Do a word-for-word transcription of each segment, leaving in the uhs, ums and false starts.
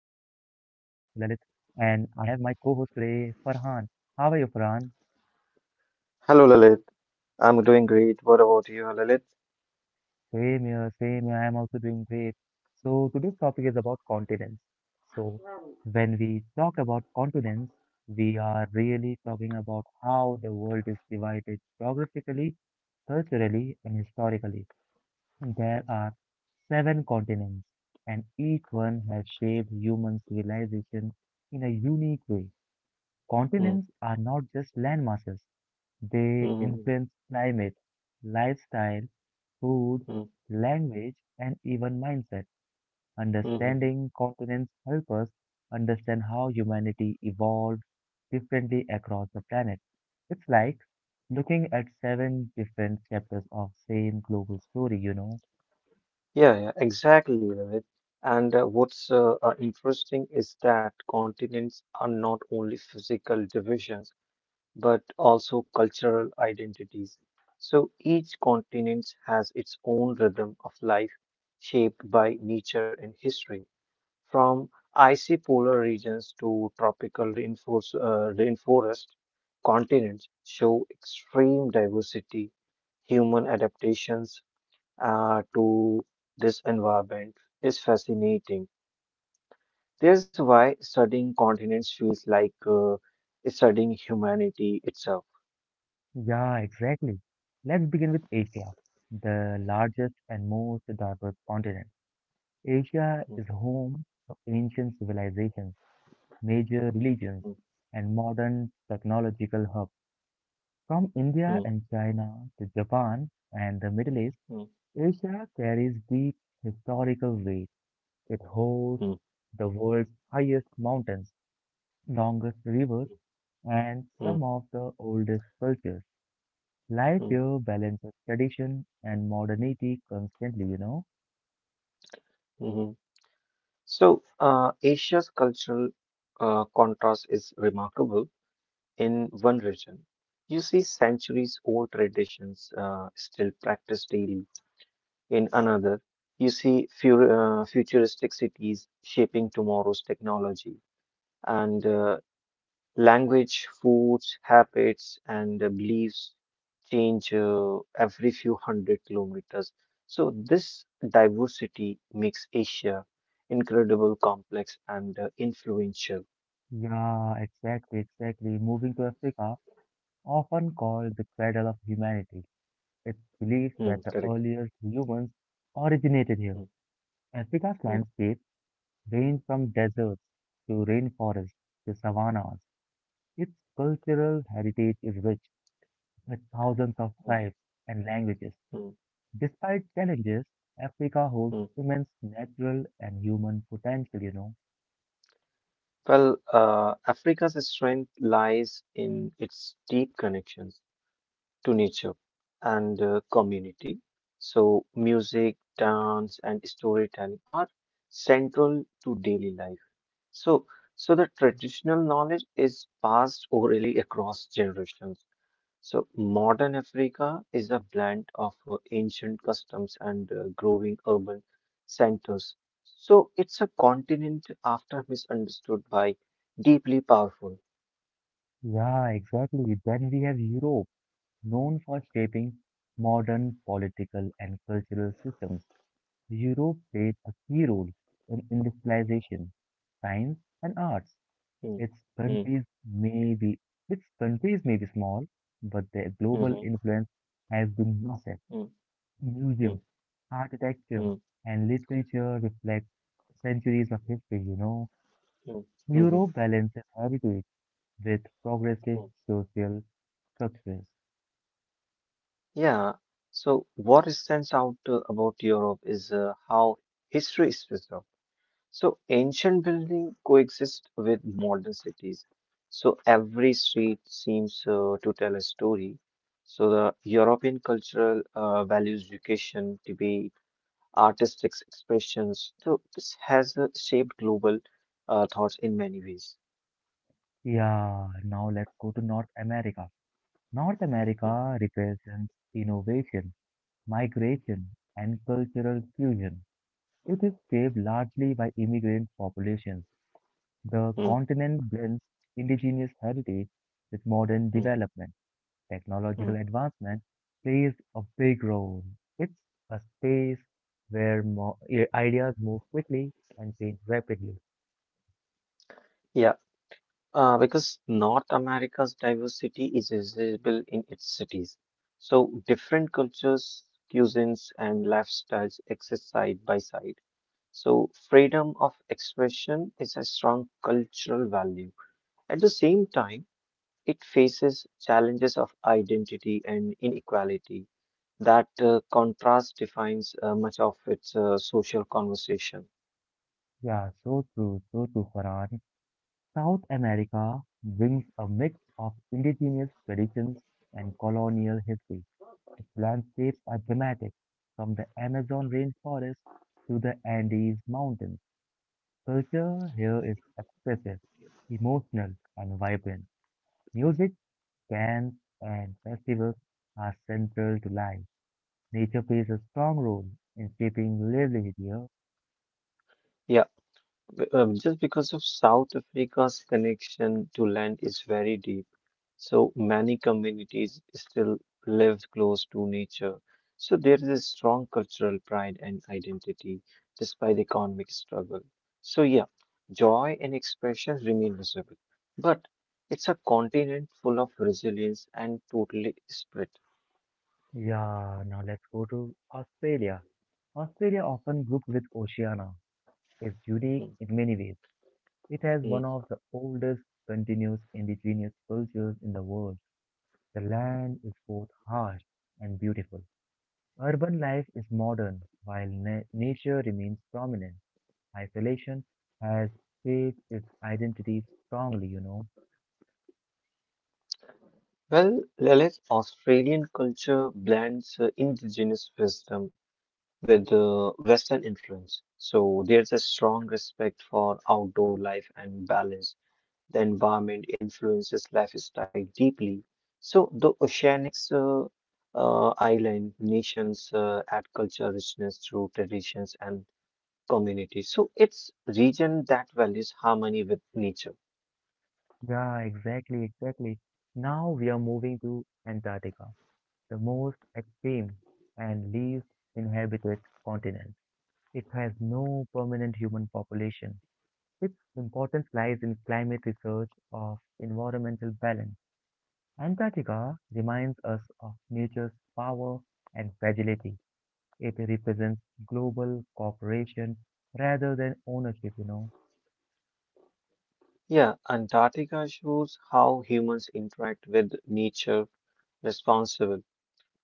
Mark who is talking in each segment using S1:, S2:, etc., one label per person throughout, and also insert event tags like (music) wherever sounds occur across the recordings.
S1: Lalit, and I have my co-host today, Farhan. How are you, Farhan?
S2: Hello, Lalit. I'm doing great. What about you, Lalit?
S1: Same here, same here. I'm also doing great. So, today's topic is about continents. So, when we talk about continents, we are really talking about how the world is divided geographically, culturally, and historically. There are seven continents, and each one has shaped human civilization in a unique way.
S2: Hmm.
S1: Continents are not just landmasses, they
S2: Hmm.
S1: influence climate, lifestyle, food,
S2: Hmm.
S1: language, and even mindset.
S2: Hmm.
S1: Understanding continents help us understand how humanity evolved differently across the planet. It's like looking at seven different chapters of same global story, you know.
S2: Yeah, yeah, exactly, Lalit. And uh, what's uh, uh, interesting is that continents are not only physical divisions, but also cultural identities. So each continent has its own rhythm of life shaped by nature and history. From icy polar regions to tropical rainforest, uh, rainforest continents show extreme diversity. Human adaptations uh, to this environment is fascinating. This is why studying continents feels like uh, studying humanity itself.
S1: Yeah, exactly. Let's begin with Asia, the largest and most diverse continent. Asia
S2: Mm,
S1: is home of ancient civilizations, major religions, and modern technological hubs. From India
S2: mm,
S1: and China to Japan and the Middle East,
S2: mm,
S1: Asia carries deep historical weight. It hosts
S2: mm,
S1: the world's highest mountains, longest rivers,
S2: mm,
S1: and
S2: mm,
S1: some of the oldest cultures. Life
S2: mm,
S1: here balances tradition and modernity constantly, you know.
S2: mhm. So, uh, Asia's cultural uh, contrast is remarkable. In one region, you see centuries old traditions uh, still practiced daily. In another, you see fu- uh, futuristic cities shaping tomorrow's technology. And uh, language, foods, habits, and uh, beliefs change uh, every few hundred kilometers. So, this diversity makes Asia incredible, complex, and uh, influential.
S1: Yeah, exactly, exactly. Moving to Africa, often called the cradle of humanity. It's believed
S2: Hmm,
S1: that the
S2: correct.
S1: earliest humans originated here.
S2: Hmm,
S1: Africa's
S2: hmm,
S1: landscape range from deserts to rainforests to savannas. Its cultural heritage is rich, with thousands of
S2: hmm,
S1: tribes and languages.
S2: hmm,
S1: Despite challenges, Africa holds
S2: hmm.
S1: immense natural and human potential, you know.
S2: Well, uh, Africa's strength lies in its deep connections to nature and uh, community. So, music, dance, and storytelling are central to daily life. So, so the traditional knowledge is passed orally across generations. So, modern Africa is a blend of uh, ancient customs and uh, growing urban centers. So, it's a continent after misunderstood by deeply powerful.
S1: Yeah, exactly. Then we have Europe, known for shaping modern political and cultural systems. Europe played a key role in industrialization, science, and arts.
S2: Hmm,
S1: Its
S2: hmm,
S1: countries may be its countries may be small, but their global
S2: mhm,
S1: influence has been massive.
S2: hmm, hmm,
S1: Museums,
S2: hmm,
S1: architecture,
S2: hmm,
S1: and literature reflect centuries of history. You know,
S2: mhm, hmm. Hmm,
S1: Europe balances heritage with progressive
S2: hmm.
S1: social structures.
S2: Yeah, so what stands out uh, about Europe is uh, how history is preserved. So ancient buildings coexist with modern cities. So every street seems uh, to tell a story. So the European cultural uh, values education, debate, artistic expressions. So this has uh, shaped global uh, thoughts in many ways.
S1: Yeah, now let's go to North America. North
S2: Mm,
S1: America represents innovation migration, and cultural fusion. It is shaped largely by immigrant populations. The
S2: mm,
S1: continent blends indigenous heritage with modern
S2: mm,
S1: development.
S2: mm.
S1: Technological advancement plays a big role. It's a space where mo- i- ideas move quickly and change rapidly.
S2: Yeah. Uh, because North America's diversity is visible in its cities. So different cultures, cuisines, and lifestyles exist side by side. So freedom of expression is a strong cultural value. At the same time, it faces challenges of identity and inequality. That uh, contrast defines uh, much of its uh, social conversation.
S1: Yeah, so true, so true, Farhan. South America brings a mix of indigenous traditions and colonial history. Its landscapes are dramatic, from the Amazon rainforest to the Andes Mountains. Culture here is expressive, emotional, and vibrant. Music, dance, and festivals are central to life. Nature plays a strong role in shaping livelihood here.
S2: Yeah, b- um, just because of South Africa's connection to land is very deep. So many communities still live close to nature. So there is a strong cultural pride and identity despite economic struggle. So yeah, joy and expression remain visible, but it's a continent full of resilience and totally spirit.
S1: Yeah, now let's go to Australia. Australia, often grouped with Oceania, is unique
S2: Mm,
S1: in many ways. It has
S2: mm.
S1: one of the oldest continuous indigenous cultures in the world. The land is both harsh and beautiful. Urban life is modern, while na- nature remains prominent. Isolation has shaped its identity strongly, you know.
S2: Well, Lilith, Australian culture blends uh, indigenous wisdom with uh, Western influence. So there's a strong respect for outdoor life and balance. The environment influences lifestyle deeply. So the oceanics uh, uh, island nations uh, add cultural richness through traditions and communities. So it's region that values harmony with nature.
S1: Yeah, exactly, exactly. Now we are moving to Antarctica, the most extreme and least inhabited continent. It has no permanent human population. Its importance lies in climate research of environmental balance. Antarctica reminds us of nature's power and fragility. It represents global cooperation rather than ownership, you know.
S2: Yeah, Antarctica shows how humans interact with nature responsibly.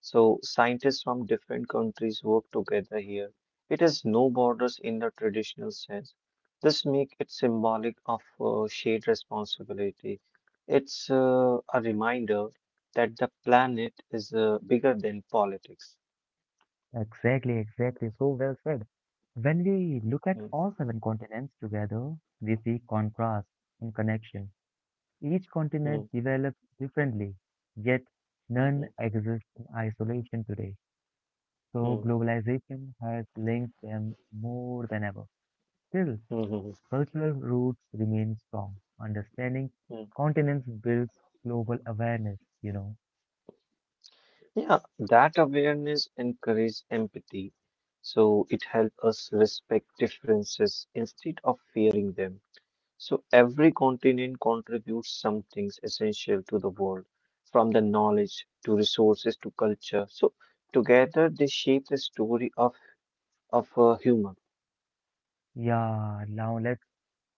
S2: So scientists from different countries work together here. It has no borders in the traditional sense. This makes it symbolic of uh, shared responsibility. It's uh, a reminder that the planet is uh, bigger than politics.
S1: Exactly, exactly. So well said. When we look at
S2: Mm,
S1: all seven continents together, we see contrast and connection. Each continent
S2: mm,
S1: developed differently, yet none
S2: mm,
S1: exists in isolation today. So
S2: mm,
S1: globalization has linked them more than ever. Still,
S2: mm, mm,
S1: cultural roots remain strong. Understanding
S2: mm.
S1: continents builds global awareness, you know.
S2: Yeah, that awareness encourages empathy. So it helps us respect differences instead of fearing them. So every continent contributes some things essential to the world, from the knowledge to resources to culture. So together they shape the story of of a human.
S1: Yeah, now let's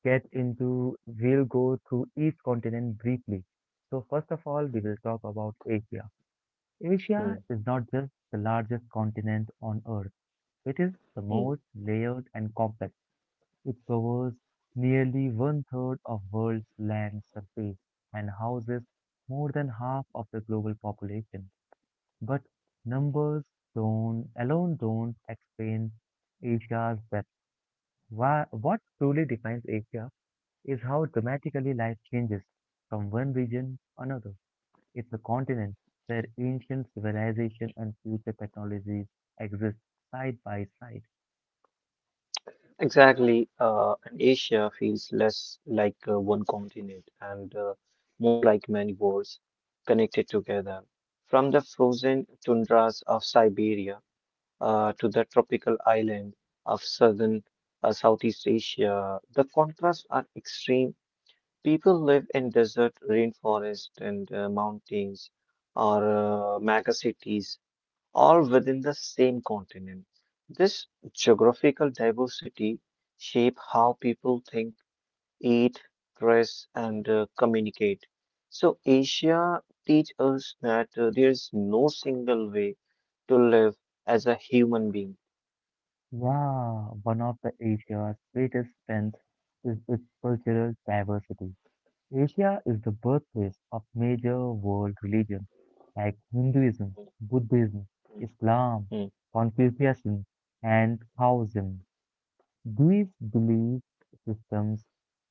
S1: get into, we'll go through each continent briefly. So, first of all, we
S2: Mm,
S1: will talk about Asia. Asia
S2: mm,
S1: is not just the largest continent on Earth, it is the
S2: mm.
S1: most layered and complex. It covers nearly one third of world's land surface and houses more than half of the global population. But numbers don't alone don't explain Asia's depth. Why, what truly defines Asia is how dramatically life changes from one region to another. It's a continent where ancient civilization and future technologies exist side by side.
S2: Exactly, uh, and Asia feels less like uh, one continent and uh, more like many worlds connected together. From the frozen tundras of Siberia uh, to the tropical island of southern uh, Southeast Asia. The contrasts are extreme. People live in desert, rainforest, and uh, mountains, or uh, mega cities, all within the same continent. This geographical diversity shape how people think, eat, dress, and uh, communicate. So Asia teach us that uh, there is no single way to live as a human being.
S1: Yeah, one of the Asia's greatest strengths is its cultural diversity. Asia is the birthplace of major world religions like Hinduism, Buddhism,
S2: Mm,
S1: Islam,
S2: mm,
S1: Confucianism, and Taoism. These belief systems,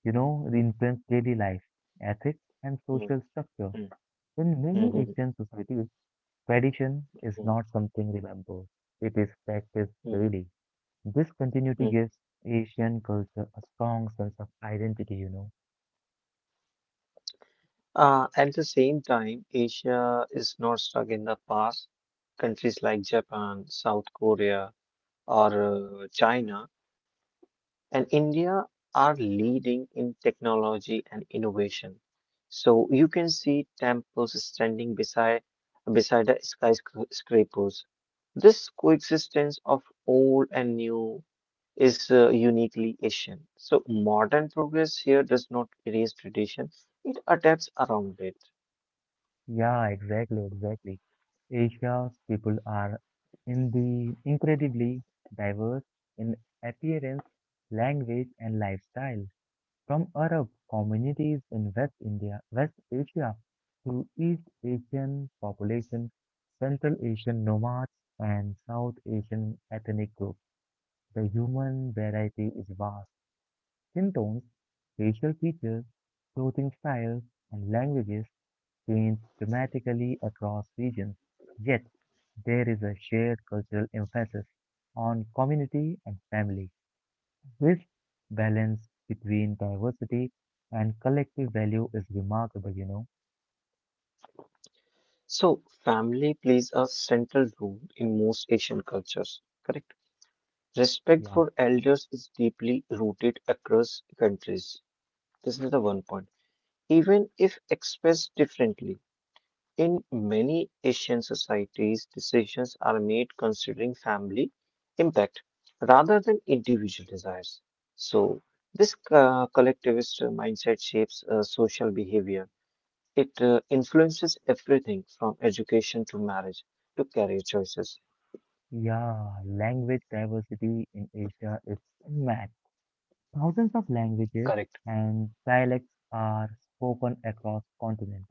S1: you know, influence daily life, ethics, and
S2: mm,
S1: social structure.
S2: mm,
S1: In many
S2: mm, mm,
S1: Asian societies, tradition is
S2: mm,
S1: not something remembered; it is practiced
S2: mm,
S1: daily. This continuity
S2: mm.
S1: gives Asian culture a strong sense of identity, you know.
S2: Uh, at the same time, Asia is not stuck in the past. Countries like Japan, South Korea, or uh, China, and India are leading in technology and innovation. So you can see temples standing beside beside the skyscrapers. This coexistence of old and new is uh, uniquely Asian. So modern progress here does not erase tradition, it adapts around it.
S1: Yeah, exactly, exactly. Asia's people are in the incredibly diverse in appearance, language, and lifestyle. From Arab communities in West India, West Asia, to East Asian population, Central Asian nomads, and South Asian ethnic groups, the human variety is vast. Skin tones, facial features, clothing styles, and languages changed dramatically across regions, yet there is a shared cultural emphasis on community and family. This balance between diversity and collective value is remarkable, you know.
S2: So family plays a central role in most Asian cultures, correct? Respect
S1: Yeah.
S2: for elders is deeply rooted across countries. This is the one point. Even if expressed differently, in many Asian societies, decisions are made considering family impact rather than individual desires. So, this uh, collectivist mindset shapes uh, social behavior. It uh, influences everything from education to marriage to career choices.
S1: Yeah, language diversity in Asia is unmatched. Thousands of languages
S2: Correct.
S1: and dialects are spoken across continents.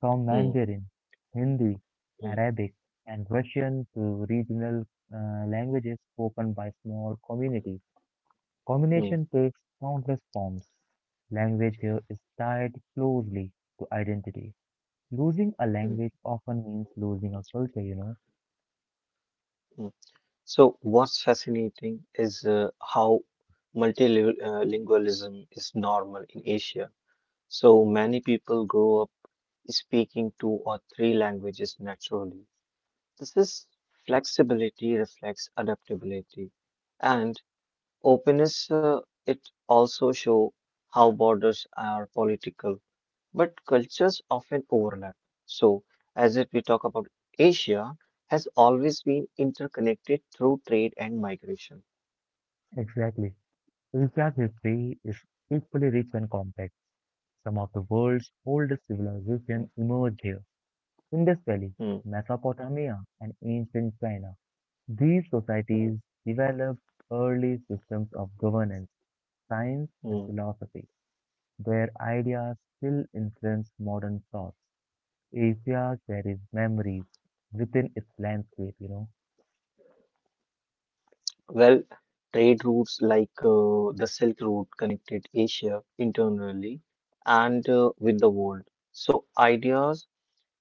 S1: From
S2: Hmm.
S1: Mandarin, Hindi,
S2: Hmm.
S1: Arabic, and Russian to regional uh, languages spoken by small communities.
S2: Hmm.
S1: Combination takes countless forms. Language here is tied closely to identity. Losing a
S2: Hmm.
S1: language often means losing a culture, you know.
S2: Mm. So, what's fascinating is uh, how multilingualism is normal in Asia. So many people grow up speaking two or three languages naturally. This is flexibility reflects adaptability and openness. Uh, it also show how borders are political, but cultures often overlap. So, as if we talk about Asia, has always been interconnected through trade and migration.
S1: Exactly. Asia's history is equally rich and complex. Some of the world's oldest
S2: Mm,
S1: civilizations emerged here. Indus Valley,
S2: mm,
S1: Mesopotamia, and ancient China. These
S2: mm,
S1: societies developed early systems of governance, science, and
S2: mm.
S1: philosophy, where ideas still influence modern thoughts. Asia carries memories within its landscape, you know.
S2: Well, trade routes like uh, the Silk Route connected Asia internally and uh, with the world. So ideas,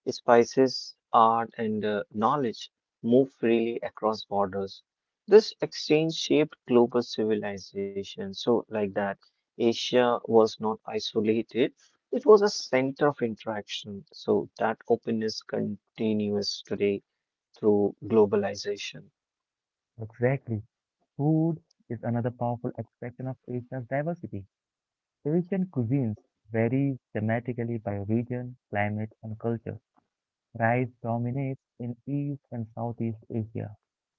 S2: spices, art, and uh, knowledge move freely across borders. This exchange shaped global civilization. So, like that, Asia was not isolated, it was a center of interaction. So, that openness continues today through globalization.
S1: Exactly. Food is another powerful expression of Asia's diversity. Asian cuisines vary dramatically by region, climate, and culture. Rice dominates in East and Southeast Asia,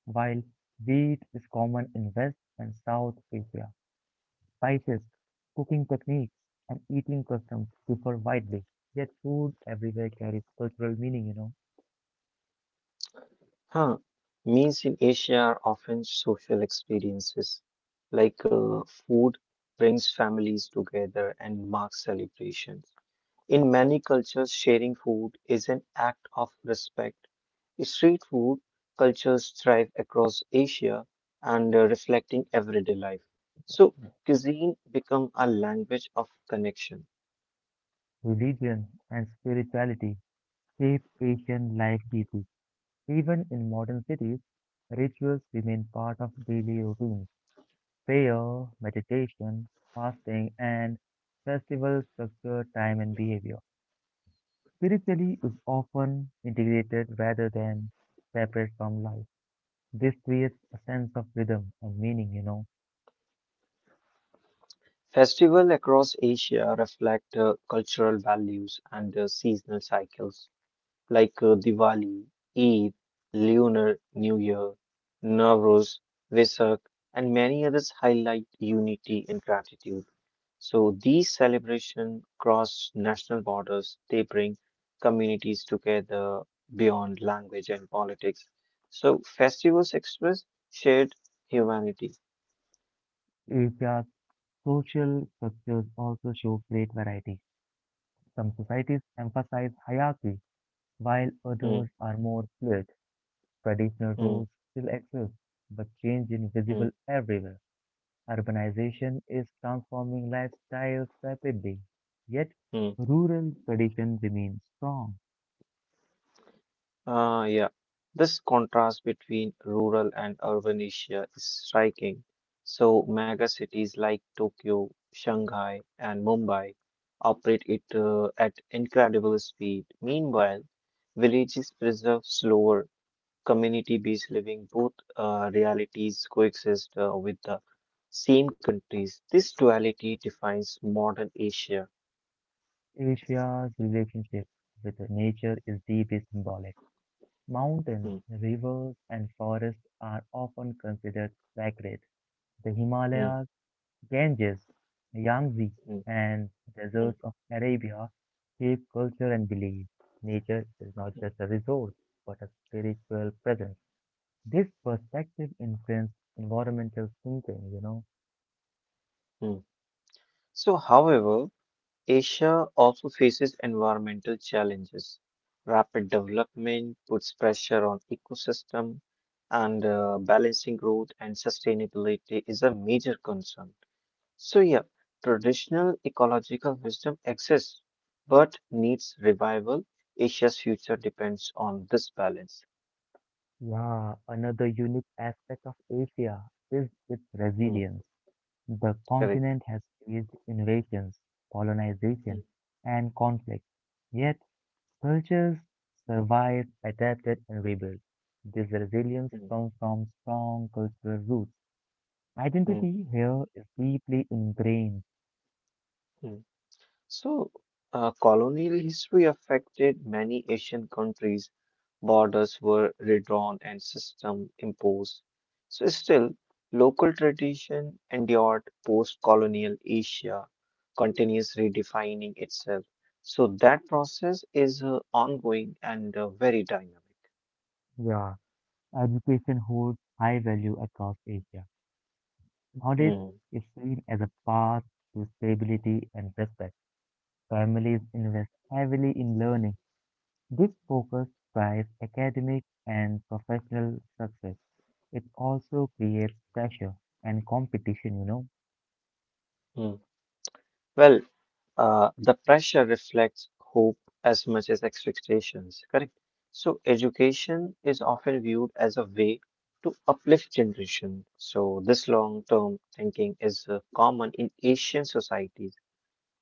S1: while wheat is common in West and South Asia. Spices, cooking techniques, and eating customs differ widely, yet food everywhere carries cultural meaning, you know.
S2: Huh. Meals in Asia are often social experiences, like uh, food brings families together and marks celebrations. In many cultures, sharing food is an act of respect. Street food cultures thrive across Asia and uh, reflecting everyday life. So, cuisine become a language of connection.
S1: Religion and spirituality shape Asian life deeply. Even in modern cities, rituals remain part of daily routines. Prayer, meditation, fasting, and festival structure time and behavior. Spirituality is often integrated rather than separate from life. This creates a sense of rhythm and meaning, you know.
S2: Festival across Asia reflect uh, cultural values and uh, seasonal cycles, like uh, Diwali, Eid, Lunar New Year, Navroz, Vesak, and many others highlight unity and gratitude. So these celebrations cross national borders. They bring communities together beyond language and politics. So festivals express shared humanity.
S1: Asia's social structures also show great variety. Some societies emphasize hierarchy, while
S2: Hmm,
S1: others are more fluid. Traditional
S2: hmm,
S1: roles still exist, but change is
S2: hmm,
S1: visible everywhere. Urbanization is transforming lifestyles rapidly, yet
S2: hmm.
S1: rural tradition remains strong.
S2: Uh, yeah, this contrast between rural and urban Asia is striking. So, mega cities like Tokyo, Shanghai, and Mumbai operate it uh, at incredible speed. Meanwhile, villages preserve slower, community-based living. Both uh, realities coexist uh, with the same countries. This duality defines modern Asia.
S1: Asia's relationship with nature is deeply symbolic. Mountains,
S2: Hmm,
S1: rivers, and forests are often considered sacred. The
S2: hmm,
S1: Himalayas, Ganges, Yangtze,
S2: hmm,
S1: and
S2: hmm,
S1: deserts of Arabia shape culture and belief. Nature is not just a resource, but a spiritual presence. This perspective influences environmental thinking, you know.
S2: hmm. So, however, Asia also faces environmental challenges. Rapid development puts pressure on ecosystem, and uh, balancing growth and sustainability is a major concern. So yeah, traditional ecological wisdom exists, but needs revival. Asia's future depends on this balance.
S1: Yeah, another unique aspect of Asia is its
S2: Mm,
S1: resilience. The
S2: correct.
S1: continent has faced invasions, colonization,
S2: Mm,
S1: and conflict, yet cultures survived, adapted, and rebuilt. This resilience
S2: mm,
S1: comes from strong cultural roots.
S2: mm,
S1: Identity here is deeply ingrained.
S2: mm. So, uh, colonial history affected many Asian countries. Borders were redrawn and system imposed. So, still, local tradition endured post-colonial Asia continues redefining itself. So that process is uh, ongoing and uh, very dynamic.
S1: Yeah, education holds high value across Asia. Knowledge
S2: Hmm,
S1: is seen as a path to stability and respect. Families invest heavily in learning. This focus drives academic and professional success. It also creates pressure and competition, you know.
S2: hmm. Well, Uh, the pressure reflects hope as much as expectations, correct? So, education is often viewed as a way to uplift generation. So, this long-term thinking is uh, common in Asian societies,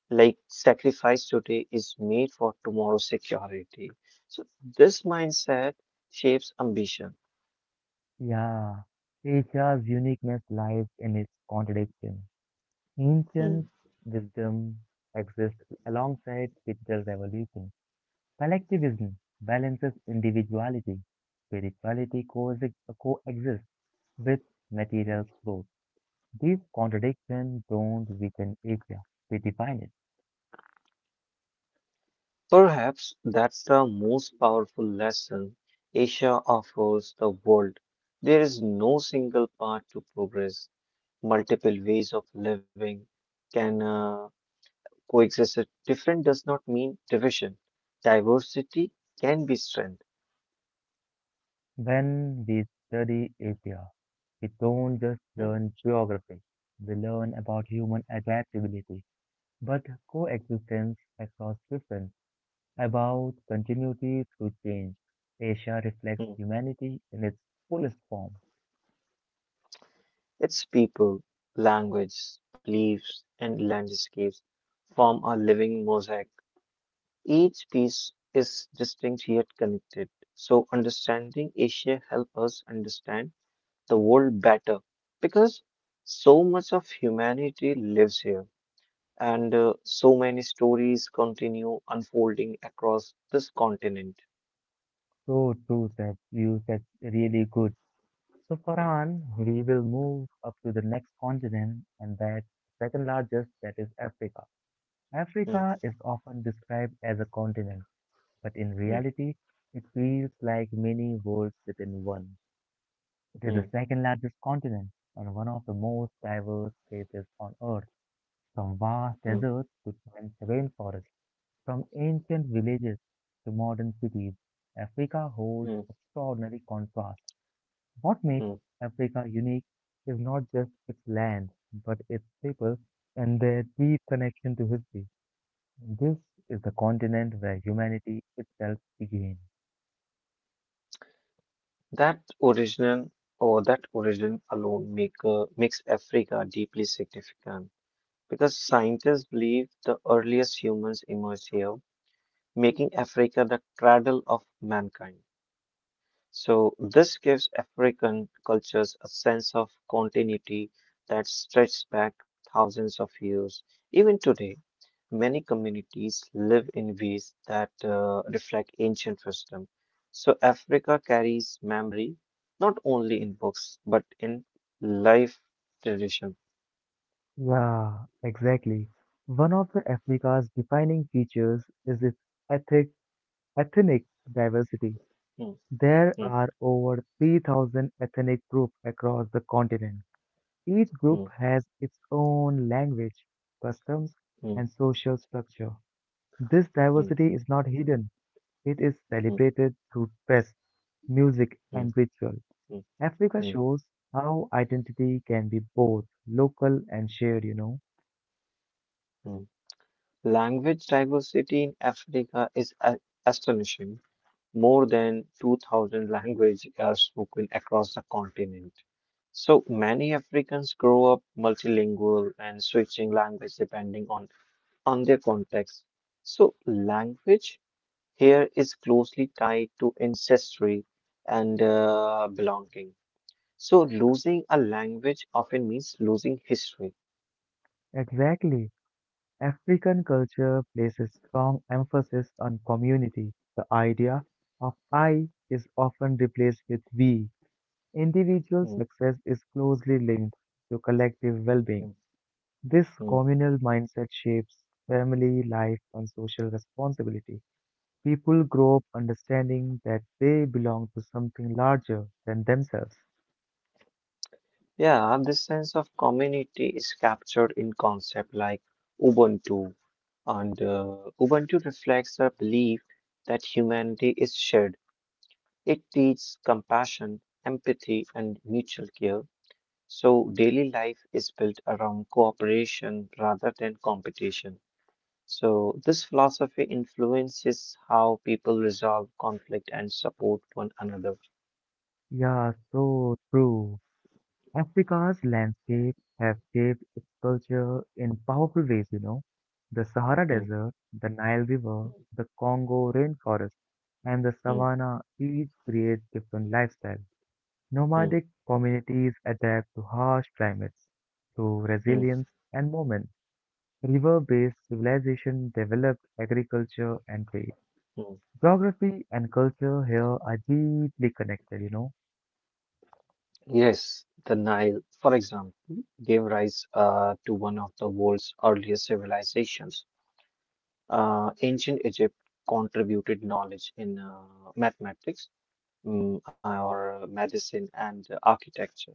S2: like sacrifice today is made for tomorrow's security. So, this mindset shapes ambition.
S1: Yeah, Asia's uniqueness lies in its contradiction. Ancient
S2: Hmm.
S1: wisdom exists alongside digital revolution. Collectivism balances individuality. Spirituality coexi- coexists with material growth. These contradictions don't weaken Asia, they define it.
S2: Perhaps that's the most powerful lesson Asia offers the world. There is no single path to progress. Multiple ways of living can uh, coexist. Different does not mean division. Diversity can be strength.
S1: When we study Asia, we don't just
S2: Hmm,
S1: learn geography, we learn about human adaptability, but coexistence across systems, about continuity through change. Asia reflects
S2: hmm.
S1: humanity in its fullest form.
S2: Its people, language, beliefs, and landscapes form a living mosaic. Each piece is distinct yet connected. So understanding Asia helps us understand the world better because so much of humanity lives here and uh, so many stories continue unfolding across this continent.
S1: So true, that you said really good. So Farhan, we will move up to the next continent, and that second largest, that is Africa.
S2: Hmm,
S1: Africa is often described as a continent, but in
S2: hmm,
S1: reality, it feels like many worlds within one. It is
S2: hmm,
S1: the second largest continent and one of the most diverse places on Earth, from vast
S2: hmm, hmm,
S1: deserts to dense rainforests, from ancient villages to modern cities. Africa holds
S2: hmm.
S1: extraordinary contrast. What makes
S2: Hmm.
S1: Africa unique is not just its land, but its people and their deep connection to history. This is the continent where humanity itself began.
S2: That origin or that origin alone make uh, makes Africa deeply significant because scientists believe the earliest humans emerged here making Africa the cradle of mankind. So, this gives African cultures a sense of continuity that stretches back thousands of years. Even today, many communities live in ways that uh, reflect ancient wisdom. So, Africa carries memory not only in books but in life tradition.
S1: Yeah, exactly. One of the Africa's defining features is its ethnic, ethnic diversity.
S2: Hmm,
S1: There
S2: hmm,
S1: are over three thousand ethnic groups across the continent. Each group
S2: hmm,
S1: has its own language, customs,
S2: hmm,
S1: and social structure. This
S2: hmm,
S1: diversity is not hidden, it is
S2: hmm,
S1: celebrated through dress, music,
S2: hmm,
S1: and ritual.
S2: hmm,
S1: Africa
S2: hmm, hmm.
S1: shows how identity can be both local and shared, you know.
S2: Hmm. Language diversity in Africa is a- astonishing. More than two thousand languages are spoken across the continent. So many Africans grow up multilingual and switching language depending on, on their context. So language here is closely tied to ancestry and uh, belonging. So losing a language often means losing history.
S1: Exactly. African culture places strong emphasis on community. The idea of I is often replaced with we. Individual
S2: Mm,
S1: success is closely linked to collective well being.
S2: mm,
S1: This
S2: mm.
S1: communal mindset shapes family life and social responsibility. People grow up understanding that they belong to something larger than themselves.
S2: Yeah, this sense of community is captured in concept like Ubuntu, and uh, Ubuntu reflects a belief that humanity is shared. It teaches compassion, empathy, and mutual care. So daily life is built around cooperation rather than competition. So this philosophy influences how people resolve conflict and support one another.
S1: Yeah, so true. Africa's landscape have shaped its culture in powerful ways, you know. The Sahara
S2: Mm,
S1: Desert, the Nile River, the Congo rainforest, and the
S2: mm,
S1: savanna each create different lifestyles.
S2: mm,
S1: Nomadic communities adapt to harsh climates through
S2: mm,
S1: resilience and movement. River-based civilization developed agriculture and trade.
S2: mm.
S1: Geography and culture here are deeply connected, you know.
S2: Yes, the Nile, for example, gave rise uh, to one of the world's earliest civilizations. Uh, Ancient Egypt contributed knowledge in uh, mathematics, mm, or medicine, and architecture.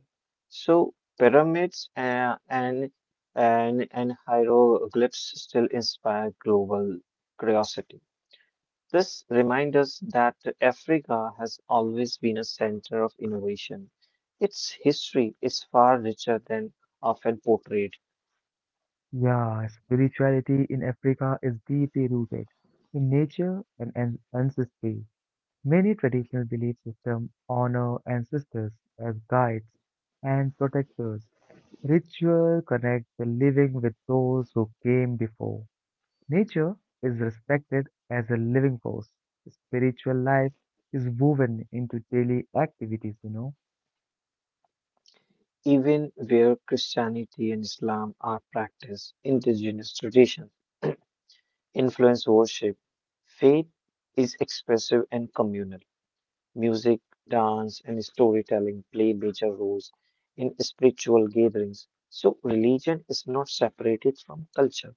S2: So pyramids uh, and and and hieroglyphs still inspire global curiosity. This reminds us that Africa has always been a center of innovation. Its history is far richer than often portrayed,
S1: Yeah, spirituality in Africa is deeply rooted in nature and an- ancestry. Many traditional belief systems honor ancestors as guides and protectors. Ritual connects the living with those who came before. Nature is respected as a living force. Spiritual life is woven into daily activities, you know.
S2: even where Christianity and Islam are practiced, indigenous traditions influence worship. Faith is expressive and communal. Music, dance, and storytelling play major roles in spiritual gatherings. So, religion is not separated from culture.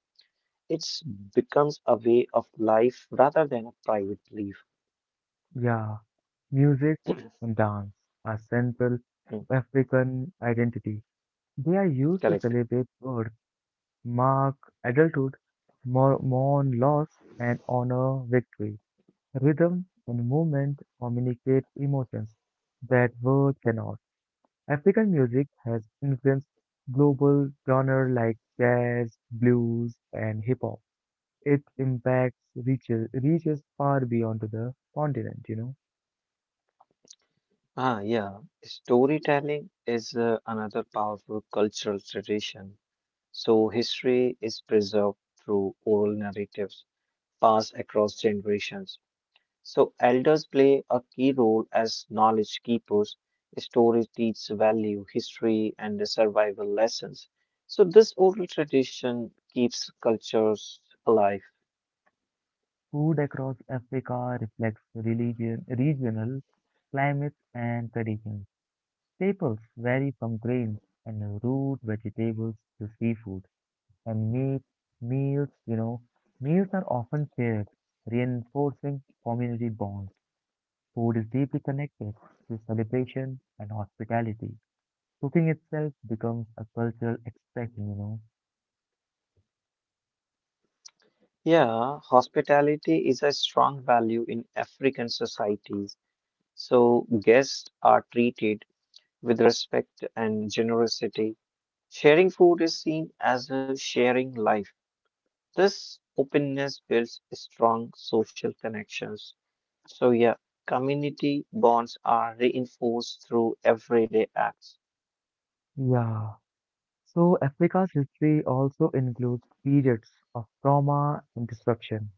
S2: It's Becomes a way of life rather than a private belief.
S1: Yeah, music
S2: (clears throat)
S1: and dance are central
S2: Mm.
S1: to African identity. They are used to
S2: Correct.
S1: celebrate birth, mark adulthood, mou- mourn loss, and honor victory. Rhythm and movement communicate emotions that words cannot. African music has influenced global genres like jazz, blues, and hip hop. Its impact reaches, reaches far beyond to the continent, you know.
S2: Ah, yeah. Storytelling is uh, another powerful cultural tradition. So, history is preserved through oral narratives passed across generations. So, elders play a key role as knowledge keepers. Stories teach value, history, and the survival lessons. So, this oral tradition keeps cultures alive.
S1: Food across Africa reflects religion, regional climates and traditions. Staples vary from grains and root vegetables to seafood and meat meals, you know. Meals are often shared, reinforcing community bonds. Food is deeply connected to celebration and hospitality. Cooking itself becomes a cultural expression, you know.
S2: Yeah, hospitality is a strong value in African societies, so guests are treated with respect and generosity. Sharing food is seen as a sharing life. This openness builds strong social connections. So, yeah, community bonds are reinforced through everyday acts.
S1: Yeah. So Africa's history also includes periods of trauma and disruption.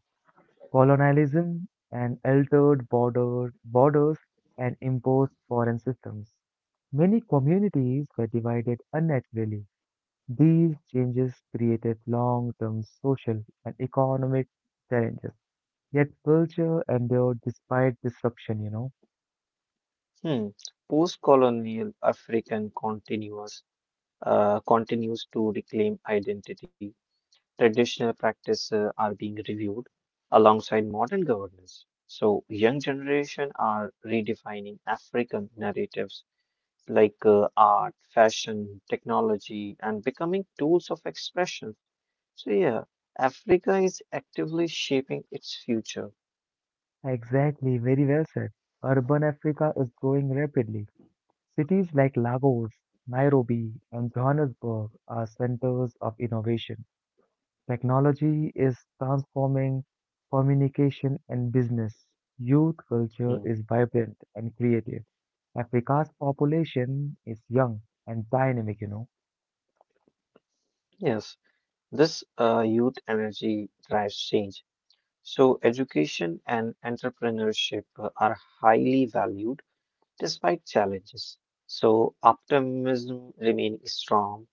S1: Colonialism and altered border, borders and imposed foreign systems. Many communities were divided unnaturally. These changes created long-term social and economic challenges. Yet culture endured despite disruption, you know.
S2: Hmm. Post-colonial African continuous uh, continues to reclaim identity. Traditional practices are being reviewed alongside modern governance. So, young generation are redefining African narratives like uh, art, fashion, technology, and becoming tools of expression. So, yeah, Africa is actively shaping its future.
S1: Exactly, very well said. Urban Africa is growing rapidly. Cities like Lagos, Nairobi, and Johannesburg are centers of innovation. Technology is transforming communication and business. Youth culture
S2: Mm.
S1: is vibrant and creative. Africa's population is young and dynamic, you know.
S2: Yes, this uh, youth energy drives change. So, education and entrepreneurship uh, are highly valued despite challenges. So optimism remains strong.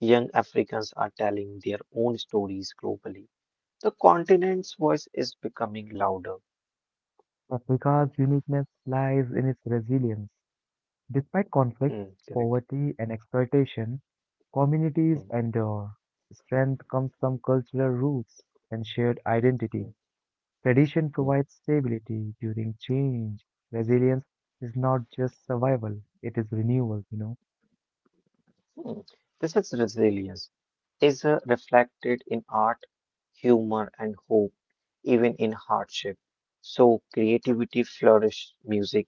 S2: Young Africans are telling their own stories globally. The continent's voice is becoming louder.
S1: Africa's uniqueness lies in its resilience. Despite conflict,
S2: Hmm, correct.
S1: poverty, and exploitation, communities
S2: Hmm,
S1: endure. Strength comes from cultural roots and shared
S2: hmm,
S1: identity. Tradition
S2: hmm.
S1: provides stability during change. Resilience is not just survival, it is renewal, you know.
S2: Hmm. This is resilience is uh, reflected in art, humor, and hope, even in hardship. So creativity flourished, music,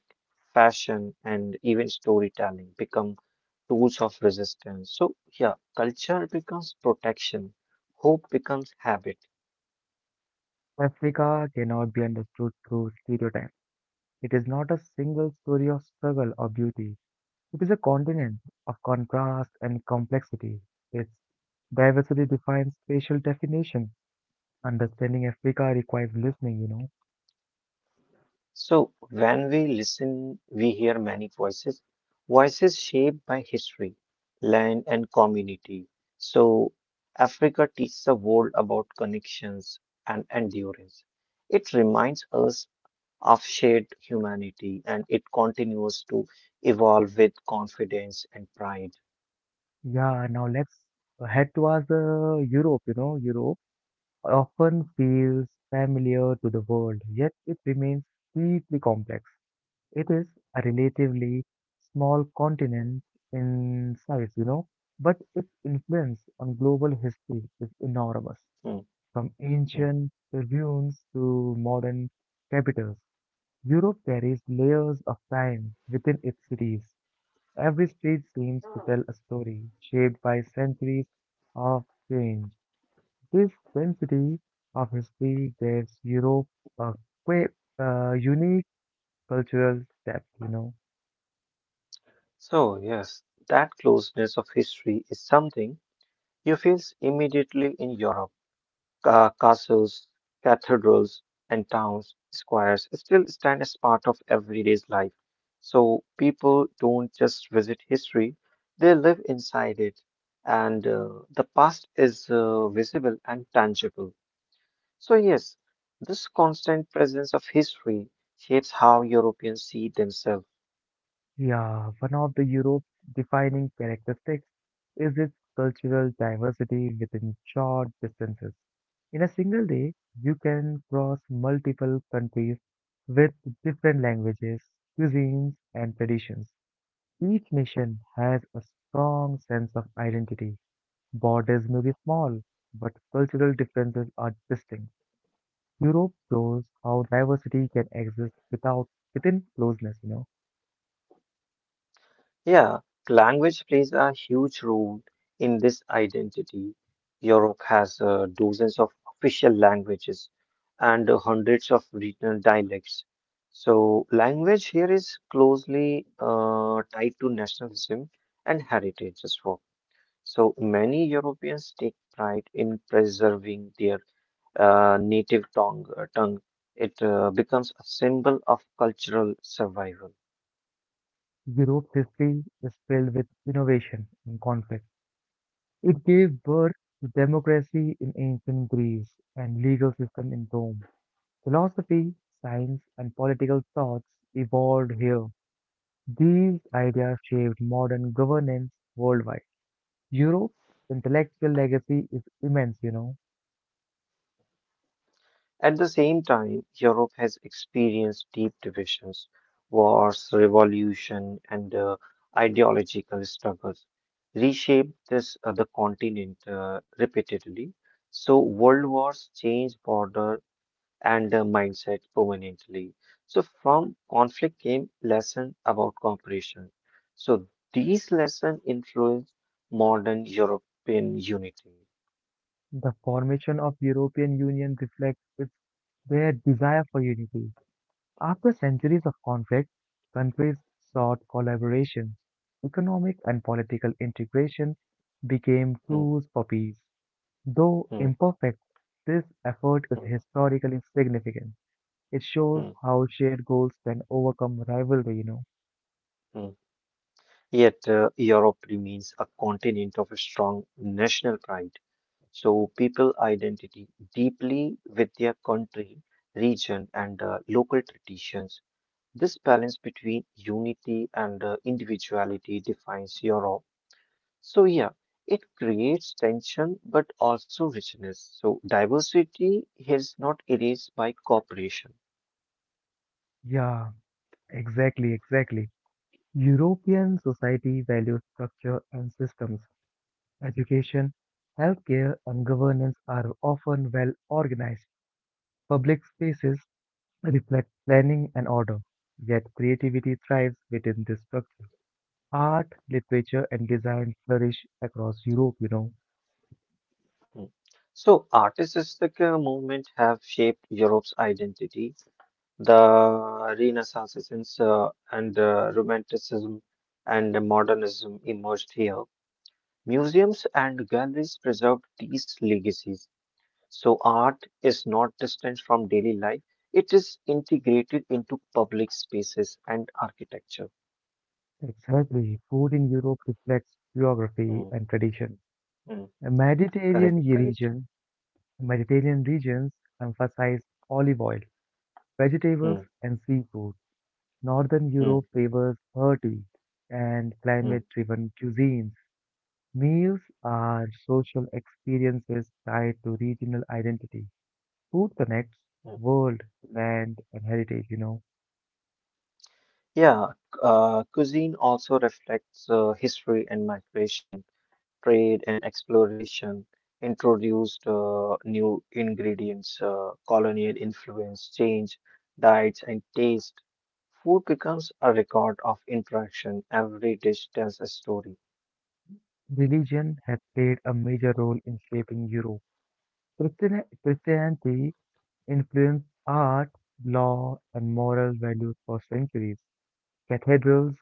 S2: fashion, and even storytelling become tools of resistance. So yeah, culture becomes protection, hope becomes habit.
S1: Africa cannot be understood through stereotypes. It is not a single story of struggle or beauty. It is a continent of contrast and complexity. Its diversity defines spatial definition. Understanding Africa requires listening, you know.
S2: So, when we listen, we hear many voices, voices shaped by history, land, and community. So, Africa teaches the world about connections and endurance. It reminds us of shared humanity and it continues to evolve with confidence and pride.
S1: Yeah, now let's head towards uh, Europe, you know, Europe. Often feels familiar to the world, yet it remains deeply complex. It is a relatively small continent in size, you know, but its influence on global history is enormous.
S2: Hmm,
S1: From
S2: hmm.
S1: ancient ruins to modern capitals, Europe carries layers of time within its cities. Every street seems to tell a story shaped by centuries of change. His density of history gives Europe a quite uh, unique cultural depth, you know.
S2: So, yes, that closeness of history is something you feel immediately in Europe. Ca- castles, cathedrals, and towns, squares still stand as part of everyday life. So people don't just visit history, they live inside it. And uh, the past is uh, visible and tangible. So, yes, this constant presence of history shapes how Europeans see themselves.
S1: Yeah, one of the Europe's defining characteristics is its cultural diversity within short distances. In a single day, you can cross multiple countries with different languages, cuisines, and traditions. Each nation has a strong sense of identity. Borders may be small, but cultural differences are distinct. Europe shows how diversity can exist without within closeness, you know.
S2: Yeah, language plays a huge role in this identity. Europe has uh, dozens of official languages and hundreds of regional dialects. So, language here is closely uh, tied to nationalism and heritage as well. So, many Europeans take pride in preserving their uh, native tongue. uh, tongue. It uh, becomes a symbol of cultural survival.
S1: Europe's history is filled with innovation and conflict. It gave birth to democracy in ancient Greece and legal system in Rome. Philosophy, science, and political thoughts evolved here. These ideas shaped modern governance worldwide. Europe's intellectual legacy is immense, you know.
S2: At the same time, Europe has experienced deep divisions, wars, revolution, and uh, ideological struggles, reshaped this uh, the continent uh, repeatedly. So world wars changed border and uh, mindset permanently. So from conflict came lesson about cooperation. So these lessons influence modern European unity.
S1: The formation of European Union reflects its, their desire for unity. After centuries of conflict, countries sought collaboration. Economic and political integration became
S2: Hmm,
S1: tools for peace. Though
S2: hmm,
S1: imperfect, this effort is
S2: hmm,
S1: historically significant. It shows
S2: hmm,
S1: how shared goals can overcome rivalry, you know.
S2: hmm. Yet, uh, Europe remains a continent of strong national pride. So, people identity deeply with their country, region, and uh, local traditions. This balance between unity and uh, individuality defines Europe. So, yeah, it creates tension but also richness. So, diversity is not erased by cooperation.
S1: Yeah, exactly, exactly. European society values structure and systems. Education, healthcare, and governance are often well organized. Public spaces reflect planning and order, yet creativity thrives within this structure. Art, literature, and design flourish across Europe, you know.
S2: Hmm. So, artistic uh, movement have shaped Europe's identity. The Renaissance uh, and uh, Romanticism and Modernism emerged here. Museums and galleries preserved these legacies. So art is not distant from daily life, it is integrated into public spaces and architecture.
S1: Exactly. Food in Europe reflects geography
S2: Mm,
S1: and tradition.
S2: mm,
S1: A
S2: correct,
S1: Mediterranean
S2: correct.
S1: region, Mediterranean regions emphasize olive oil, vegetables,
S2: Mm,
S1: and seafood. Northern
S2: mm,
S1: Europe favors hearty and
S2: mm,
S1: climate-driven cuisines. Meals are social experiences tied to regional identity. Food connects
S2: mm.
S1: world, land, and heritage, you know.
S2: Yeah, uh, cuisine also reflects uh, history and migration, trade and exploration, introduced uh, new ingredients, uh, colonial influence, change, diets, and taste. Food becomes a record of interaction. Every dish tells a story.
S1: Religion has played a major role in shaping Europe. Christian- Christianity influenced art, law, and moral values for centuries. Cathedrals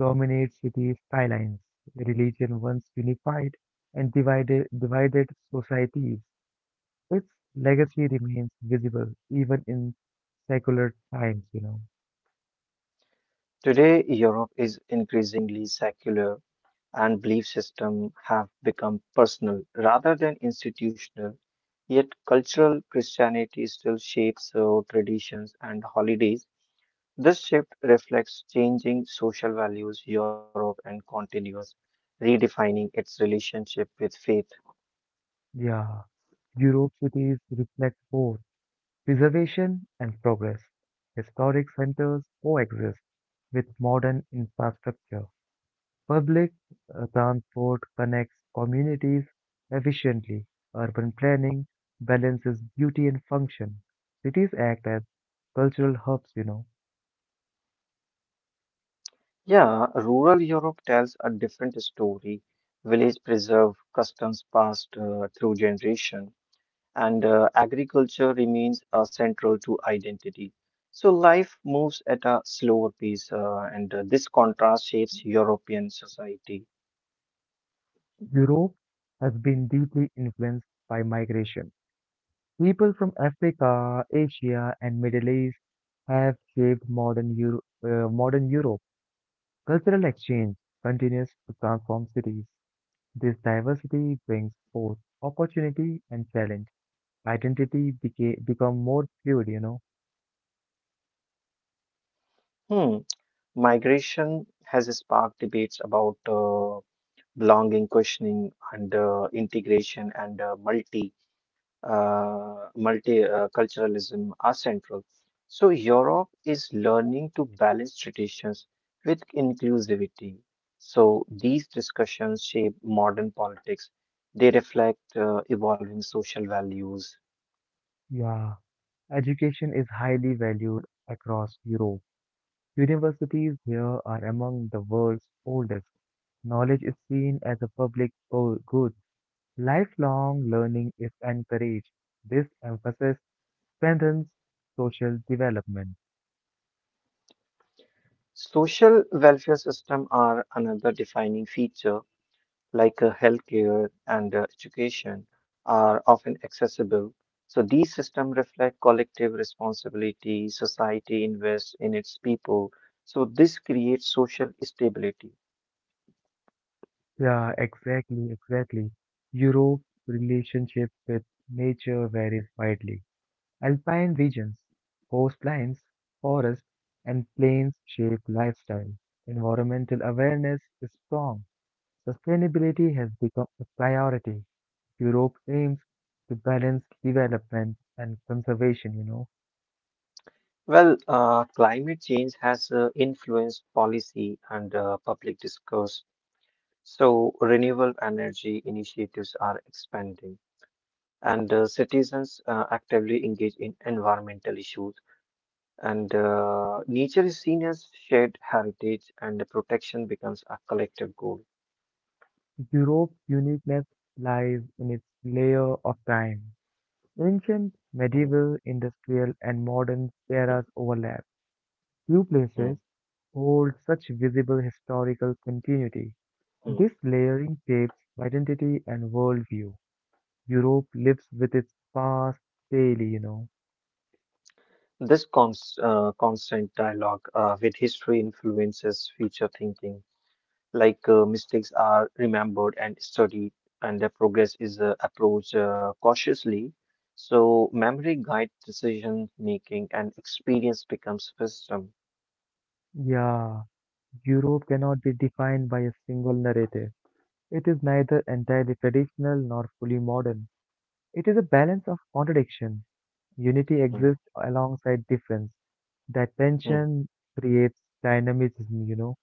S1: dominate city skylines. Religion once unified and divided, divided societies. Its legacy remains visible even in secular times, you know.
S2: Today, Europe is increasingly secular, and belief system have become personal rather than institutional, yet cultural Christianity still shapes uh, traditions and holidays. This shift reflects changing social values Europe and continues redefining its relationship with faith.
S1: Yeah, Europe cities reflect both preservation and progress. Historic centers coexist with modern infrastructure. Public uh, transport connects communities efficiently. Urban planning balances beauty and function. Cities act as cultural hubs, you know.
S2: Yeah, rural Europe tells a different story. Village preserve customs passed uh, through generation and uh, agriculture remains uh, central to identity. So life moves at a slower pace, uh, and uh, this contrast shapes European society.
S1: Europe has been deeply influenced by migration. People from Africa, Asia, and Middle East have shaped modern Euro- uh, modern Europe. Cultural exchange continues to transform cities. This diversity brings both opportunity and challenge. Identity became become more fluid, you know.
S2: Hmm. Migration has sparked debates about uh, belonging, questioning, and uh, integration and uh, multi uh, multiculturalism are central. So Europe is learning to balance traditions with inclusivity. So these discussions shape modern politics. They reflect uh, evolving social values.
S1: Yeah. Education is highly valued across Europe. Universities here are among the world's oldest. Knowledge is seen as a public go- good. Lifelong learning is encouraged. This emphasis strengthens social development.
S2: Social welfare system are another defining feature like uh, healthcare and uh, education, are often accessible. So these systems reflect collective responsibility, society invests in its people. So this creates social stability.
S1: Yeah, exactly, exactly. Europe's relationship with nature varies widely. Alpine regions, coastlines, forests, and plains shape lifestyle. Environmental awareness is strong. Sustainability has become a priority. Europe aims to balance development and conservation, you know.
S2: Well, uh, climate change has uh, influenced policy and uh, public discourse. So renewable energy initiatives are expanding, and uh, citizens uh, actively engage in environmental issues. And uh, nature is seen as shared heritage, and the protection becomes a collective goal.
S1: Europe's uniqueness lies in its layer of time. Ancient,
S2: Mm,
S1: medieval, industrial, and modern
S2: mm,
S1: eras overlap. Few
S2: mm,
S1: places hold such visible historical continuity.
S2: mm.
S1: This layering shapes identity and worldview. Europe lives with its past daily, you know.
S2: This cons uh, constant dialogue uh, with history influences future thinking, like uh, mistakes are remembered and studied, and the progress is uh, approached uh, cautiously. So, memory guides decision making, and experience becomes wisdom.
S1: Yeah, Europe cannot be defined by a single narrative. It is neither entirely traditional nor fully modern. It is a balance of contradiction. Unity exists alongside difference. That
S2: Mm.
S1: tension creates dynamism, you know.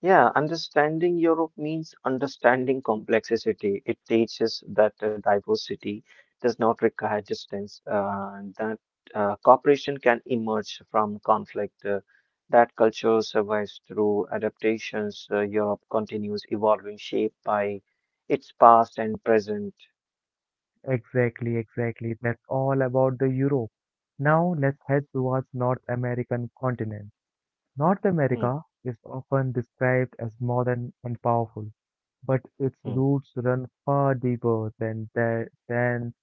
S2: Yeah, understanding Europe means understanding complexity. It teaches that the diversity does not require distance, uh, and that uh, cooperation can emerge from conflict, uh, that culture survives through adaptations. Uh, Europe continues evolving, shaped by its past and present.
S1: Exactly, exactly. That's all about the Euro. Now let's head towards North American continent. North
S2: Hmm,
S1: America is often described as modern and powerful, but its
S2: hmm,
S1: roots run far deeper than that, than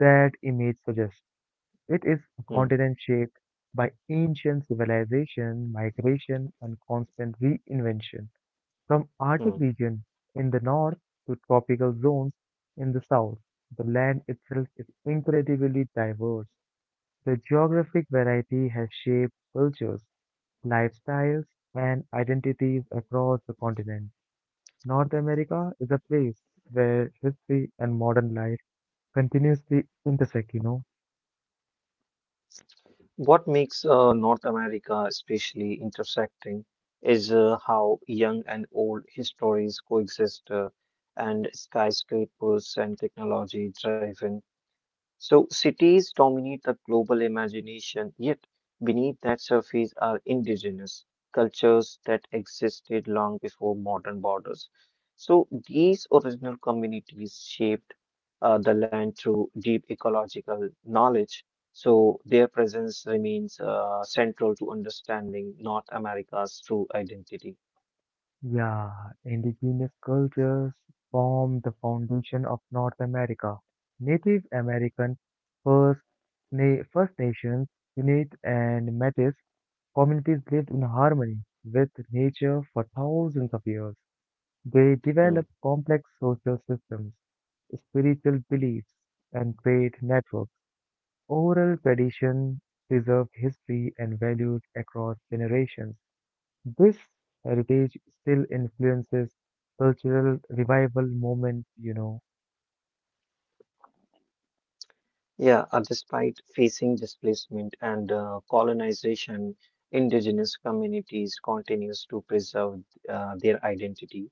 S1: that image suggests. It is a
S2: hmm,
S1: continent shaped by ancient civilization, migration, and constant reinvention. From Arctic
S2: hmm.
S1: region in the north to tropical zones in the south, the land itself is incredibly diverse. The geographic variety has shaped cultures, lifestyles, and identities across the continent. North America is a place where history and modern life continuously intersect, you know.
S2: What makes uh, North America especially intersecting is uh, how young and old histories coexist, uh, and skyscrapers and technology driven so cities dominate the global imagination, yet beneath that surface are indigenous cultures that existed long before modern borders. So these original communities shaped uh, the land through deep ecological knowledge. So their presence remains uh, central to understanding North America's true identity.
S1: Yeah, indigenous cultures form the foundation of North America. Native American, First, Na- First Nations, Inuit, and Metis communities lived in harmony with nature for thousands of years. They
S2: Hmm.
S1: developed complex social systems, spiritual beliefs, and trade networks. Oral tradition preserved history and values across generations. This heritage still influences cultural revival movement, you know.
S2: Yeah, uh, despite facing displacement and uh, colonization, indigenous communities continues to preserve uh, their identity.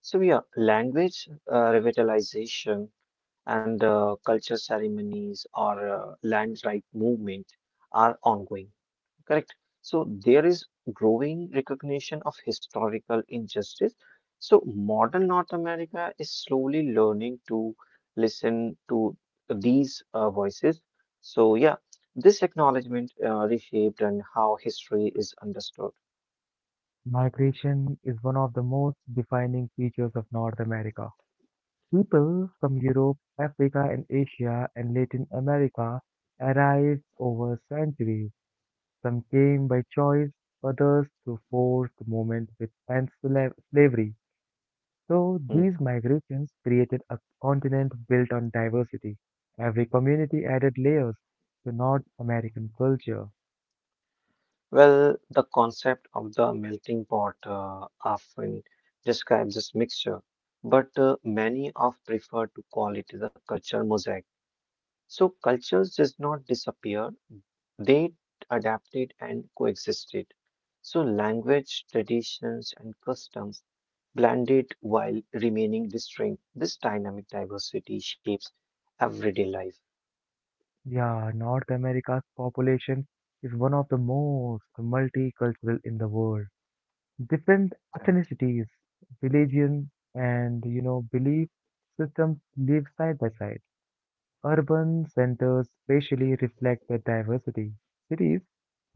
S2: So yeah, language uh, revitalization and uh, culture ceremonies or uh, land right movement are ongoing. Correct. So there is growing recognition of historical injustice. So modern North America is slowly learning to listen to these uh, voices. So yeah, this acknowledgement uh, reshaped and how history is understood.
S1: Migration is one of the most defining features of North America. People from Europe, Africa, and Asia and Latin America arrived over centuries. Some came by choice, others through forced movement with and sla- slavery. So
S2: Hmm.
S1: these migrations created a continent built on diversity. Every community added layers to North American culture.
S2: Well, the concept of the melting pot uh, often describes this mixture, but uh, many of prefer to call it the culture mosaic. So cultures does not disappear, they adapted and coexisted. So language, traditions, and customs blended while remaining distinct. This dynamic diversity shapes everyday life.
S1: Yeah, North America's population is one of the most multicultural in the world. Different
S2: Correct.
S1: ethnicities, religion, and you know belief systems live side by side. Urban centers spatially reflect the diversity. Cities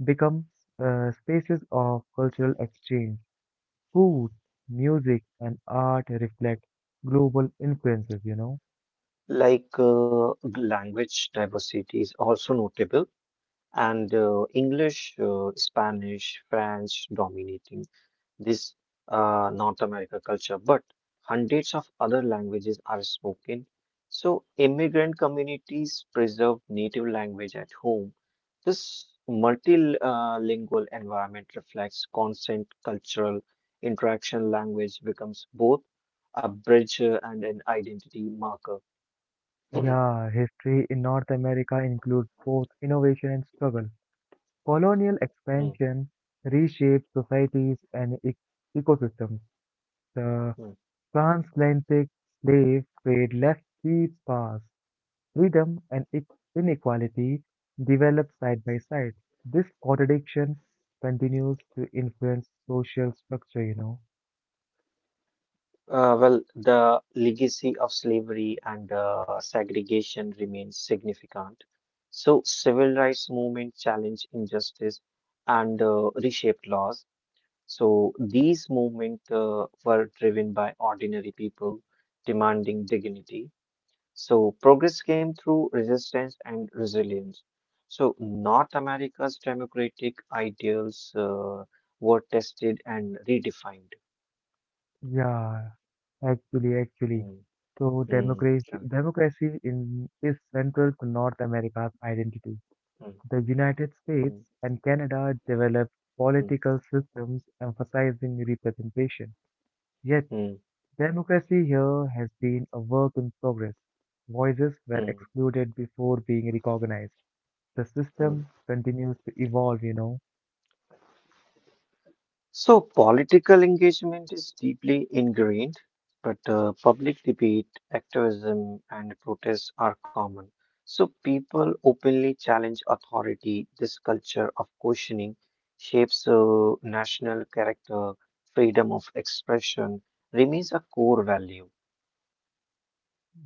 S1: become uh, spaces of cultural exchange. Food, music, and art reflect global influences, you know.
S2: Like uh, language diversity is also notable, and uh, English, uh, Spanish, French dominating this uh, North America culture, but hundreds of other languages are spoken. So immigrant communities preserve native language at home. This multilingual environment reflects constant cultural interaction. Language becomes both a bridge uh, and an identity marker. (clears throat)
S1: Yeah, history in North America includes both innovation and struggle. Colonial
S2: Mm,
S1: expansion reshaped societies and ec- ecosystems. The
S2: mm.
S1: transatlantic slave trade left deep scars. Freedom and e- inequality developed side by side. This contradiction continues to influence social structure, you know.
S2: Uh, well, the legacy of slavery and uh, segregation remains significant. So, civil rights movement challenged injustice and uh, reshaped laws. So, these movements uh, were driven by ordinary people demanding dignity. So, progress came through resistance and resilience. So, North America's democratic ideals uh, were tested and redefined.
S1: Yeah, actually, actually.
S2: Mm,
S1: So
S2: mm,
S1: democracy,
S2: correct.
S1: democracy in, is central to North America's identity.
S2: Mm,
S1: The United States
S2: mm.
S1: and Canada developed
S2: Mm,
S1: political systems emphasizing representation. Yet,
S2: mm,
S1: democracy here has been a work in progress. Voices were
S2: mm,
S1: excluded before being recognized. The
S2: mm.
S1: system continues to evolve, you know.
S2: So, political engagement is deeply ingrained, but uh, public debate, activism, and protest are common. So, people openly challenge authority. This culture of questioning shapes uh, national character. Freedom of expression remains a core value.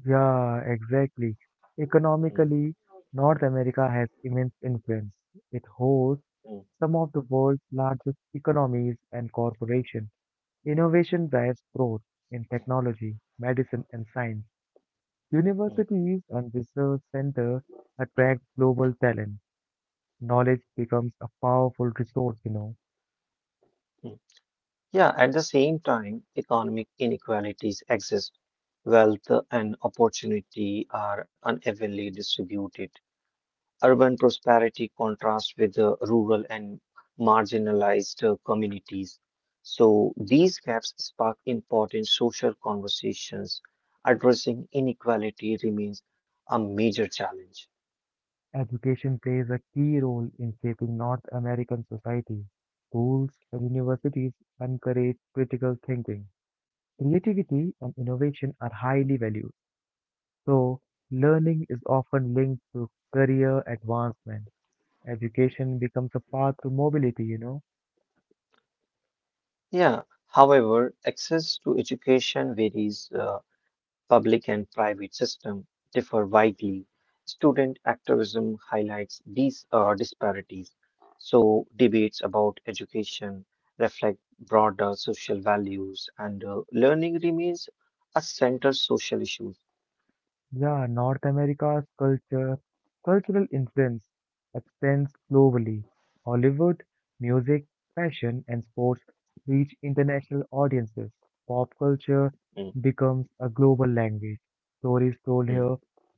S1: Yeah, exactly.
S2: Mm,
S1: Economically, North America has immense influence. It hosts
S2: mm,
S1: some of the world's largest economies and corporations. Innovation drives growth in technology, medicine, and science.
S2: mm, mm.
S1: Universities and research centers attract global talent. Knowledge becomes a powerful resource, you know.
S2: Yeah, at the same time, economic inequalities exist. Wealth and opportunity are unevenly distributed. Urban prosperity contrasts with the rural and marginalized uh, communities. So these gaps spark important social conversations. Addressing inequality remains a major challenge.
S1: Education plays a key role in shaping North American society. Schools and universities encourage critical thinking. Creativity and innovation are highly valued, so learning is often linked to career advancement. Education becomes a path to mobility, you know.
S2: Yeah, however, access to education varies. Uh, public and private system differ widely. Student activism highlights these uh, disparities. So debates about education reflect broader social values, and uh, learning remains a central social issue.
S1: Yeah, North America's culture, cultural influence extends globally. Hollywood, music, fashion, and sports reach international audiences. Pop culture
S2: Mm,
S1: becomes a global language. Stories told
S2: mm,
S1: here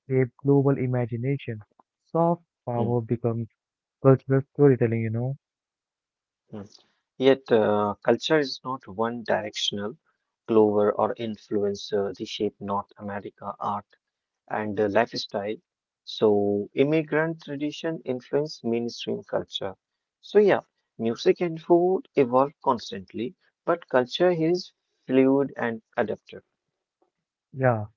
S1: shape global imagination. Soft
S2: mm,
S1: power becomes cultural storytelling, you know.
S2: mm. Yet, uh, culture is not one directional. Glover or influence uh, reshape North America art and uh, lifestyle. So, immigrant tradition influence mainstream culture. So, yeah, music and food evolve constantly, but culture here is fluid and adaptive.
S1: Yeah,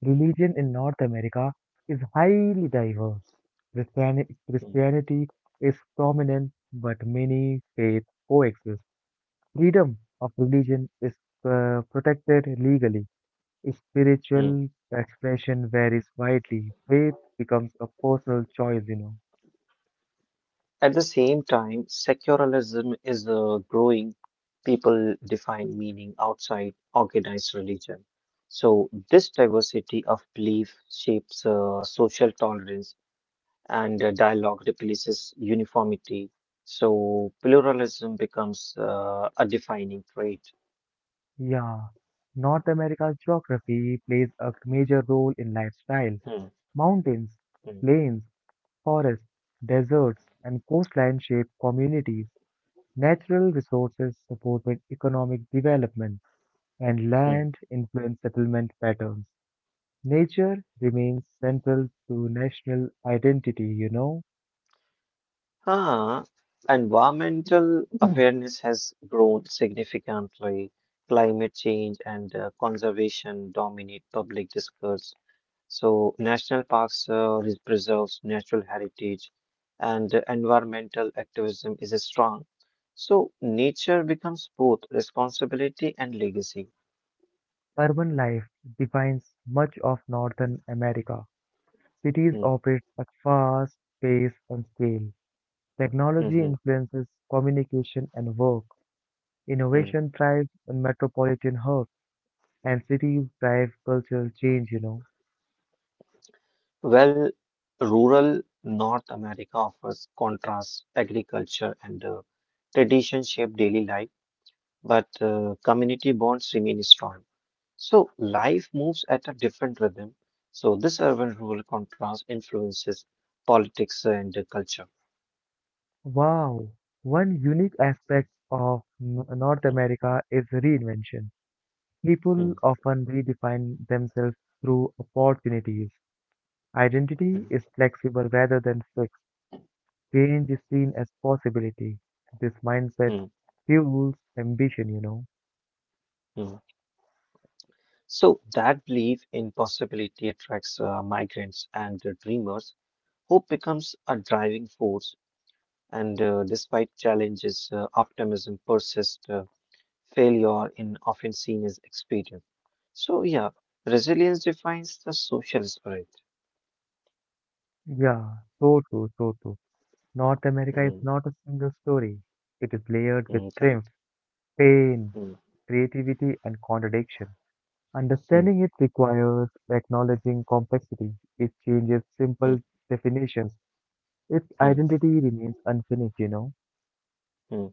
S1: religion in North America is highly diverse. Christiani-
S2: Hmm,
S1: Christianity is prominent, but many faiths coexist. Freedom of religion is uh, protected legally.
S2: hmm.
S1: Spiritual expression varies widely. Faith becomes a personal choice, you know.
S2: At the same time, secularism is uh, growing. People define meaning outside organized religion. So, this diversity of belief shapes uh, social tolerance and uh, dialogue replaces uniformity. So pluralism becomes uh, a defining trait.
S1: Yeah, North America's geography plays a major role in lifestyle.
S2: Hmm,
S1: Mountains,
S2: hmm,
S1: plains, forests, deserts, and coastline shape communities. Natural resources supported economic development, and
S2: hmm.
S1: land influenced settlement patterns. Nature remains central to national identity, you know.
S2: Ah, environmental
S1: (clears throat) Mm.
S2: awareness has grown significantly. Climate change and uh, conservation dominate public discourse. So national parks uh, res- preserves natural heritage, and uh, environmental activism is strong. So nature becomes both responsibility and legacy.
S1: Urban life defines much of Northern America. Cities
S2: Mm,
S1: operate at fast pace and scale. Technology
S2: mhm,
S1: influences communication and work.
S2: mm.
S1: Innovation thrives in metropolitan hubs. And cities drive cultural change, you know.
S2: Well, rural North America offers contrast, agriculture and uh, tradition shape daily life, but uh, community bonds remain strong. So life moves at a different rhythm. So this urban-rural contrast influences politics and uh, culture.
S1: Wow, one unique aspect
S2: Mm,
S1: of N- North
S2: mm,
S1: America is reinvention. People
S2: mm,
S1: often redefine themselves through opportunities. Identity
S2: mm,
S1: is flexible rather than fixed. Change is seen as possibility. This mindset
S2: mm,
S1: fuels ambition, you know.
S2: mm. So that belief in possibility attracts uh, migrants and uh, dreamers. Hope becomes a driving force. And uh, despite challenges, uh, optimism persists. Uh, failure in often seen as experience. So yeah, resilience defines the social spirit.
S1: Yeah, so true, so true. North America is
S2: Mm,
S1: not a single story. It is layered with
S2: mm,
S1: strength,
S2: correct.
S1: pain,
S2: Mm,
S1: creativity, and contradiction.
S2: mm,
S1: Understanding it requires acknowledging complexity. It changes
S2: mm,
S1: simple definitions. Its
S2: mm,
S1: identity remains unfinished, you know?
S2: mm.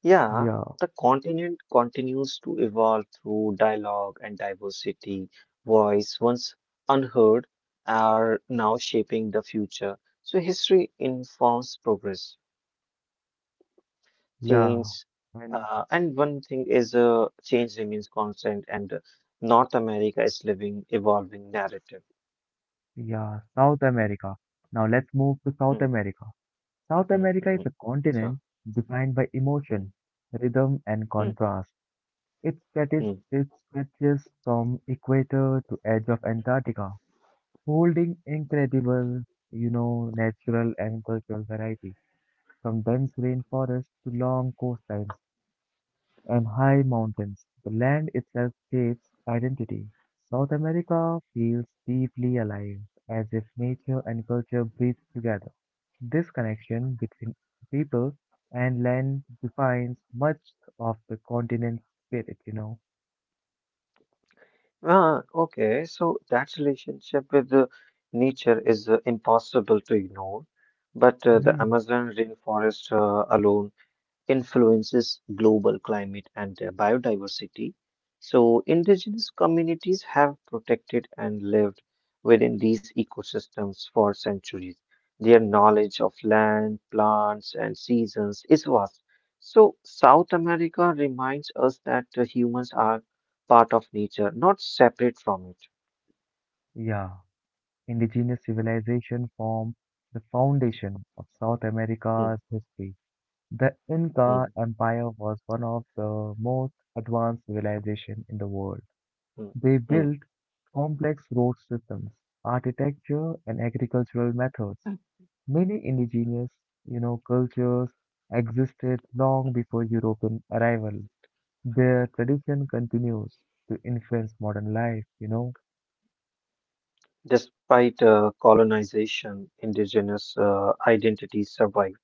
S2: Yeah,
S1: Yeah,
S2: the continent continues to evolve through dialogue and diversity. Voice once unheard are now shaping the future. So history informs progress.
S1: yeah.
S2: Change.
S1: And
S2: Uh, and one thing is uh, change remains constant, and uh, North America is living, evolving narrative.
S1: yeah, South America. Now let's move to
S2: Hmm,
S1: South America. South
S2: hmm, hmm,
S1: America
S2: hmm.
S1: is a
S2: Sure.
S1: continent defined by
S2: Hmm,
S1: emotion, rhythm, and
S2: hmm,
S1: contrast. It stretches,
S2: hmm.
S1: it stretches from equator to edge of Antarctica, holding incredible, you know, natural and cultural variety. From dense rainforests to long coastlines and high mountains, the land itself shapes identity. South America feels deeply alive, as if nature and culture breathe together. This connection between people and land defines much of the continent's spirit, you know.
S2: Ah, okay, so that relationship with uh, nature is uh, impossible to ignore, but uh, the
S1: Hmm.
S2: Amazon rainforest uh, alone influences global climate and their biodiversity. So, indigenous communities have protected and lived within these ecosystems for centuries. Their knowledge of land, plants, and seasons is vast. So, South America reminds us that the humans are part of nature, not separate from it.
S1: Yeah, indigenous civilization form the foundation of South
S2: Hmm,
S1: America's history. The Inca
S2: hmm,
S1: Empire was one of the most advanced civilizations in the world.
S2: hmm,
S1: They
S2: hmm.
S1: built complex road systems, architecture, and agricultural methods. Many indigenous, you know, cultures existed long before European arrival. Their tradition continues to influence modern life, you know.
S2: Despite uh, colonization, indigenous uh, identities survive.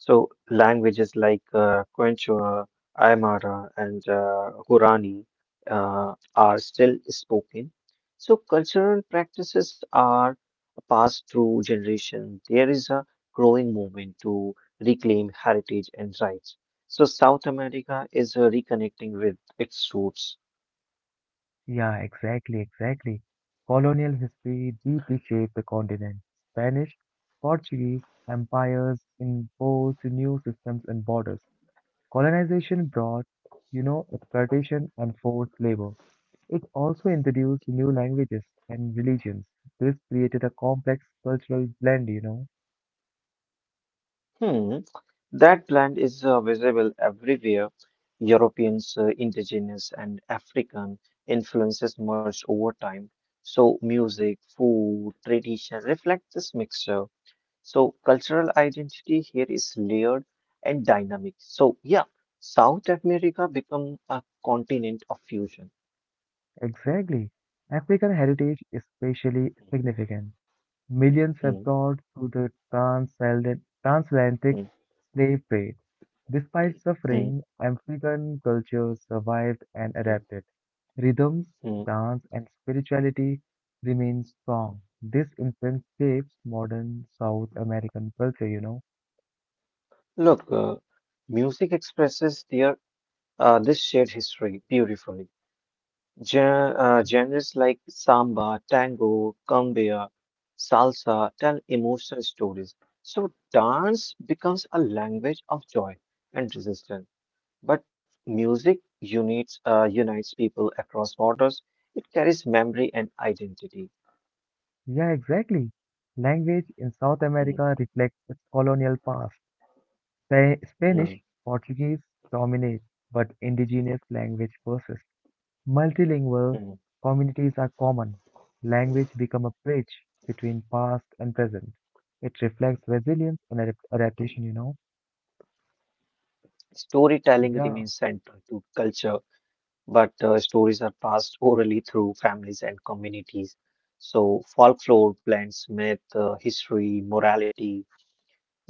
S2: So languages like uh, Quechua, Aymara, and uh, Guarani uh, are still spoken. So cultural practices are passed through generations. There is a growing movement to reclaim heritage and rights. So South America is uh, reconnecting with its roots.
S1: Yeah, exactly, exactly. Colonial history deeply shaped the continent. Spanish, Portuguese empires imposed new systems and borders. Colonization brought, you know, exploitation and forced labor. It also introduced new languages and religions. This created a complex cultural blend, you know.
S2: Hmm. That plant is uh, visible everywhere. Europeans, uh, indigenous, and African influences merged over time. So, music, food, tradition reflect this mixture. So, cultural identity here is layered and dynamic. So, yeah, South America become a continent of fusion.
S1: Exactly. African heritage is especially significant. Millions were
S2: Hmm,
S1: brought to the transatlant- transatlantic
S2: hmm,
S1: slave trade. Despite
S2: hmm,
S1: suffering, African cultures survived and
S2: hmm,
S1: adapted. Rhythms,
S2: hmm.
S1: dance, and spirituality remain strong. This influence shapes modern South American culture, you know.
S2: Look, uh, music expresses their uh, this shared history beautifully. Gen- uh, genres like samba, tango, cumbia, salsa tell emotional stories. So dance becomes a language of joy and resistance. But music unites uh, unites people across borders. It carries memory and identity.
S1: Yeah, exactly. Language in South
S2: Mhm,
S1: America reflects its colonial past. Spa- Spanish,
S2: mhm,
S1: Portuguese dominate, but indigenous language persists. Multilingual
S2: mhm.
S1: communities are common. Language become a bridge between past and present. It reflects resilience and adap- adaptation, you know.
S2: Storytelling
S1: Yeah,
S2: remains central to culture, but uh, stories are passed orally through families and communities. So folklore blends myth, uh, history, morality.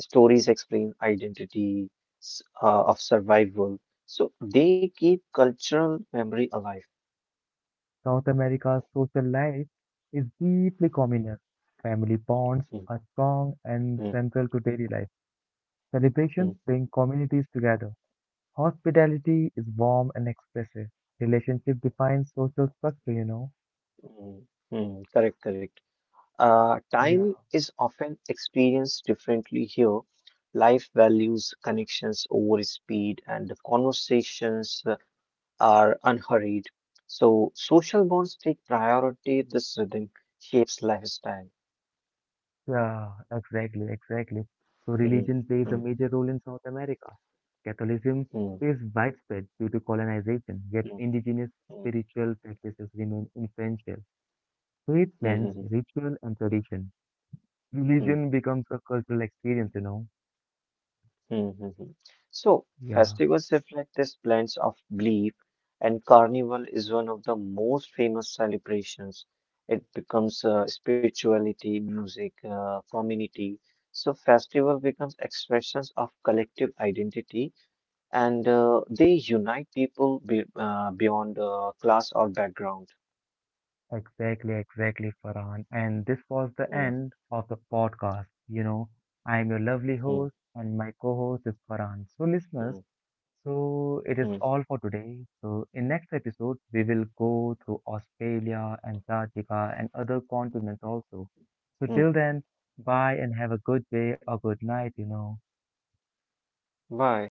S2: Stories explain identity s- uh, of survival, so they keep cultural memory alive.
S1: South America's social life is deeply communal. Family bonds
S2: Mm,
S1: are strong and
S2: mm,
S1: central to daily life. Celebrations
S2: mm,
S1: bring communities together. Hospitality is warm and expressive. Relationship defines social structure, you know.
S2: mm, mm. Correct, correct. Uh,
S1: Yeah.
S2: time is often experienced differently here. Life values connections over speed, and the conversations uh, are unhurried. So social bonds take priority. This rhythm shapes lifestyle.
S1: Yeah, exactly, exactly. So
S2: Mm,
S1: religion plays a
S2: mm,
S1: major role in South America. Catholicism
S2: mm,
S1: is widespread due to colonization, yet
S2: mm, mm,
S1: indigenous
S2: mm,
S1: spiritual practices remain influential. Faith blends
S2: mm,
S1: ritual and tradition.
S2: mm.
S1: Religion becomes a cultural experience, you know.
S2: Mm-hmm. So,
S1: Yeah,
S2: festivals reflect this blend of belief, and Carnival is one of the most famous celebrations. It becomes uh, spirituality, music, uh, community. So, festival becomes expressions of collective identity, and uh, they unite people be, uh, beyond uh, class or background.
S1: exactly, exactly, Farhan. And this was the
S2: Mm-hmm.
S1: end of the podcast. You know, I'm your lovely
S2: Mm-hmm.
S1: host, and my co-host is Farhan. So, listeners, so it is all for today. So in next episode, we will go through Australia, Antarctica, and other continents also. So till
S2: Mm-hmm.
S1: then, bye and have a good day or good night, you know.
S2: Why?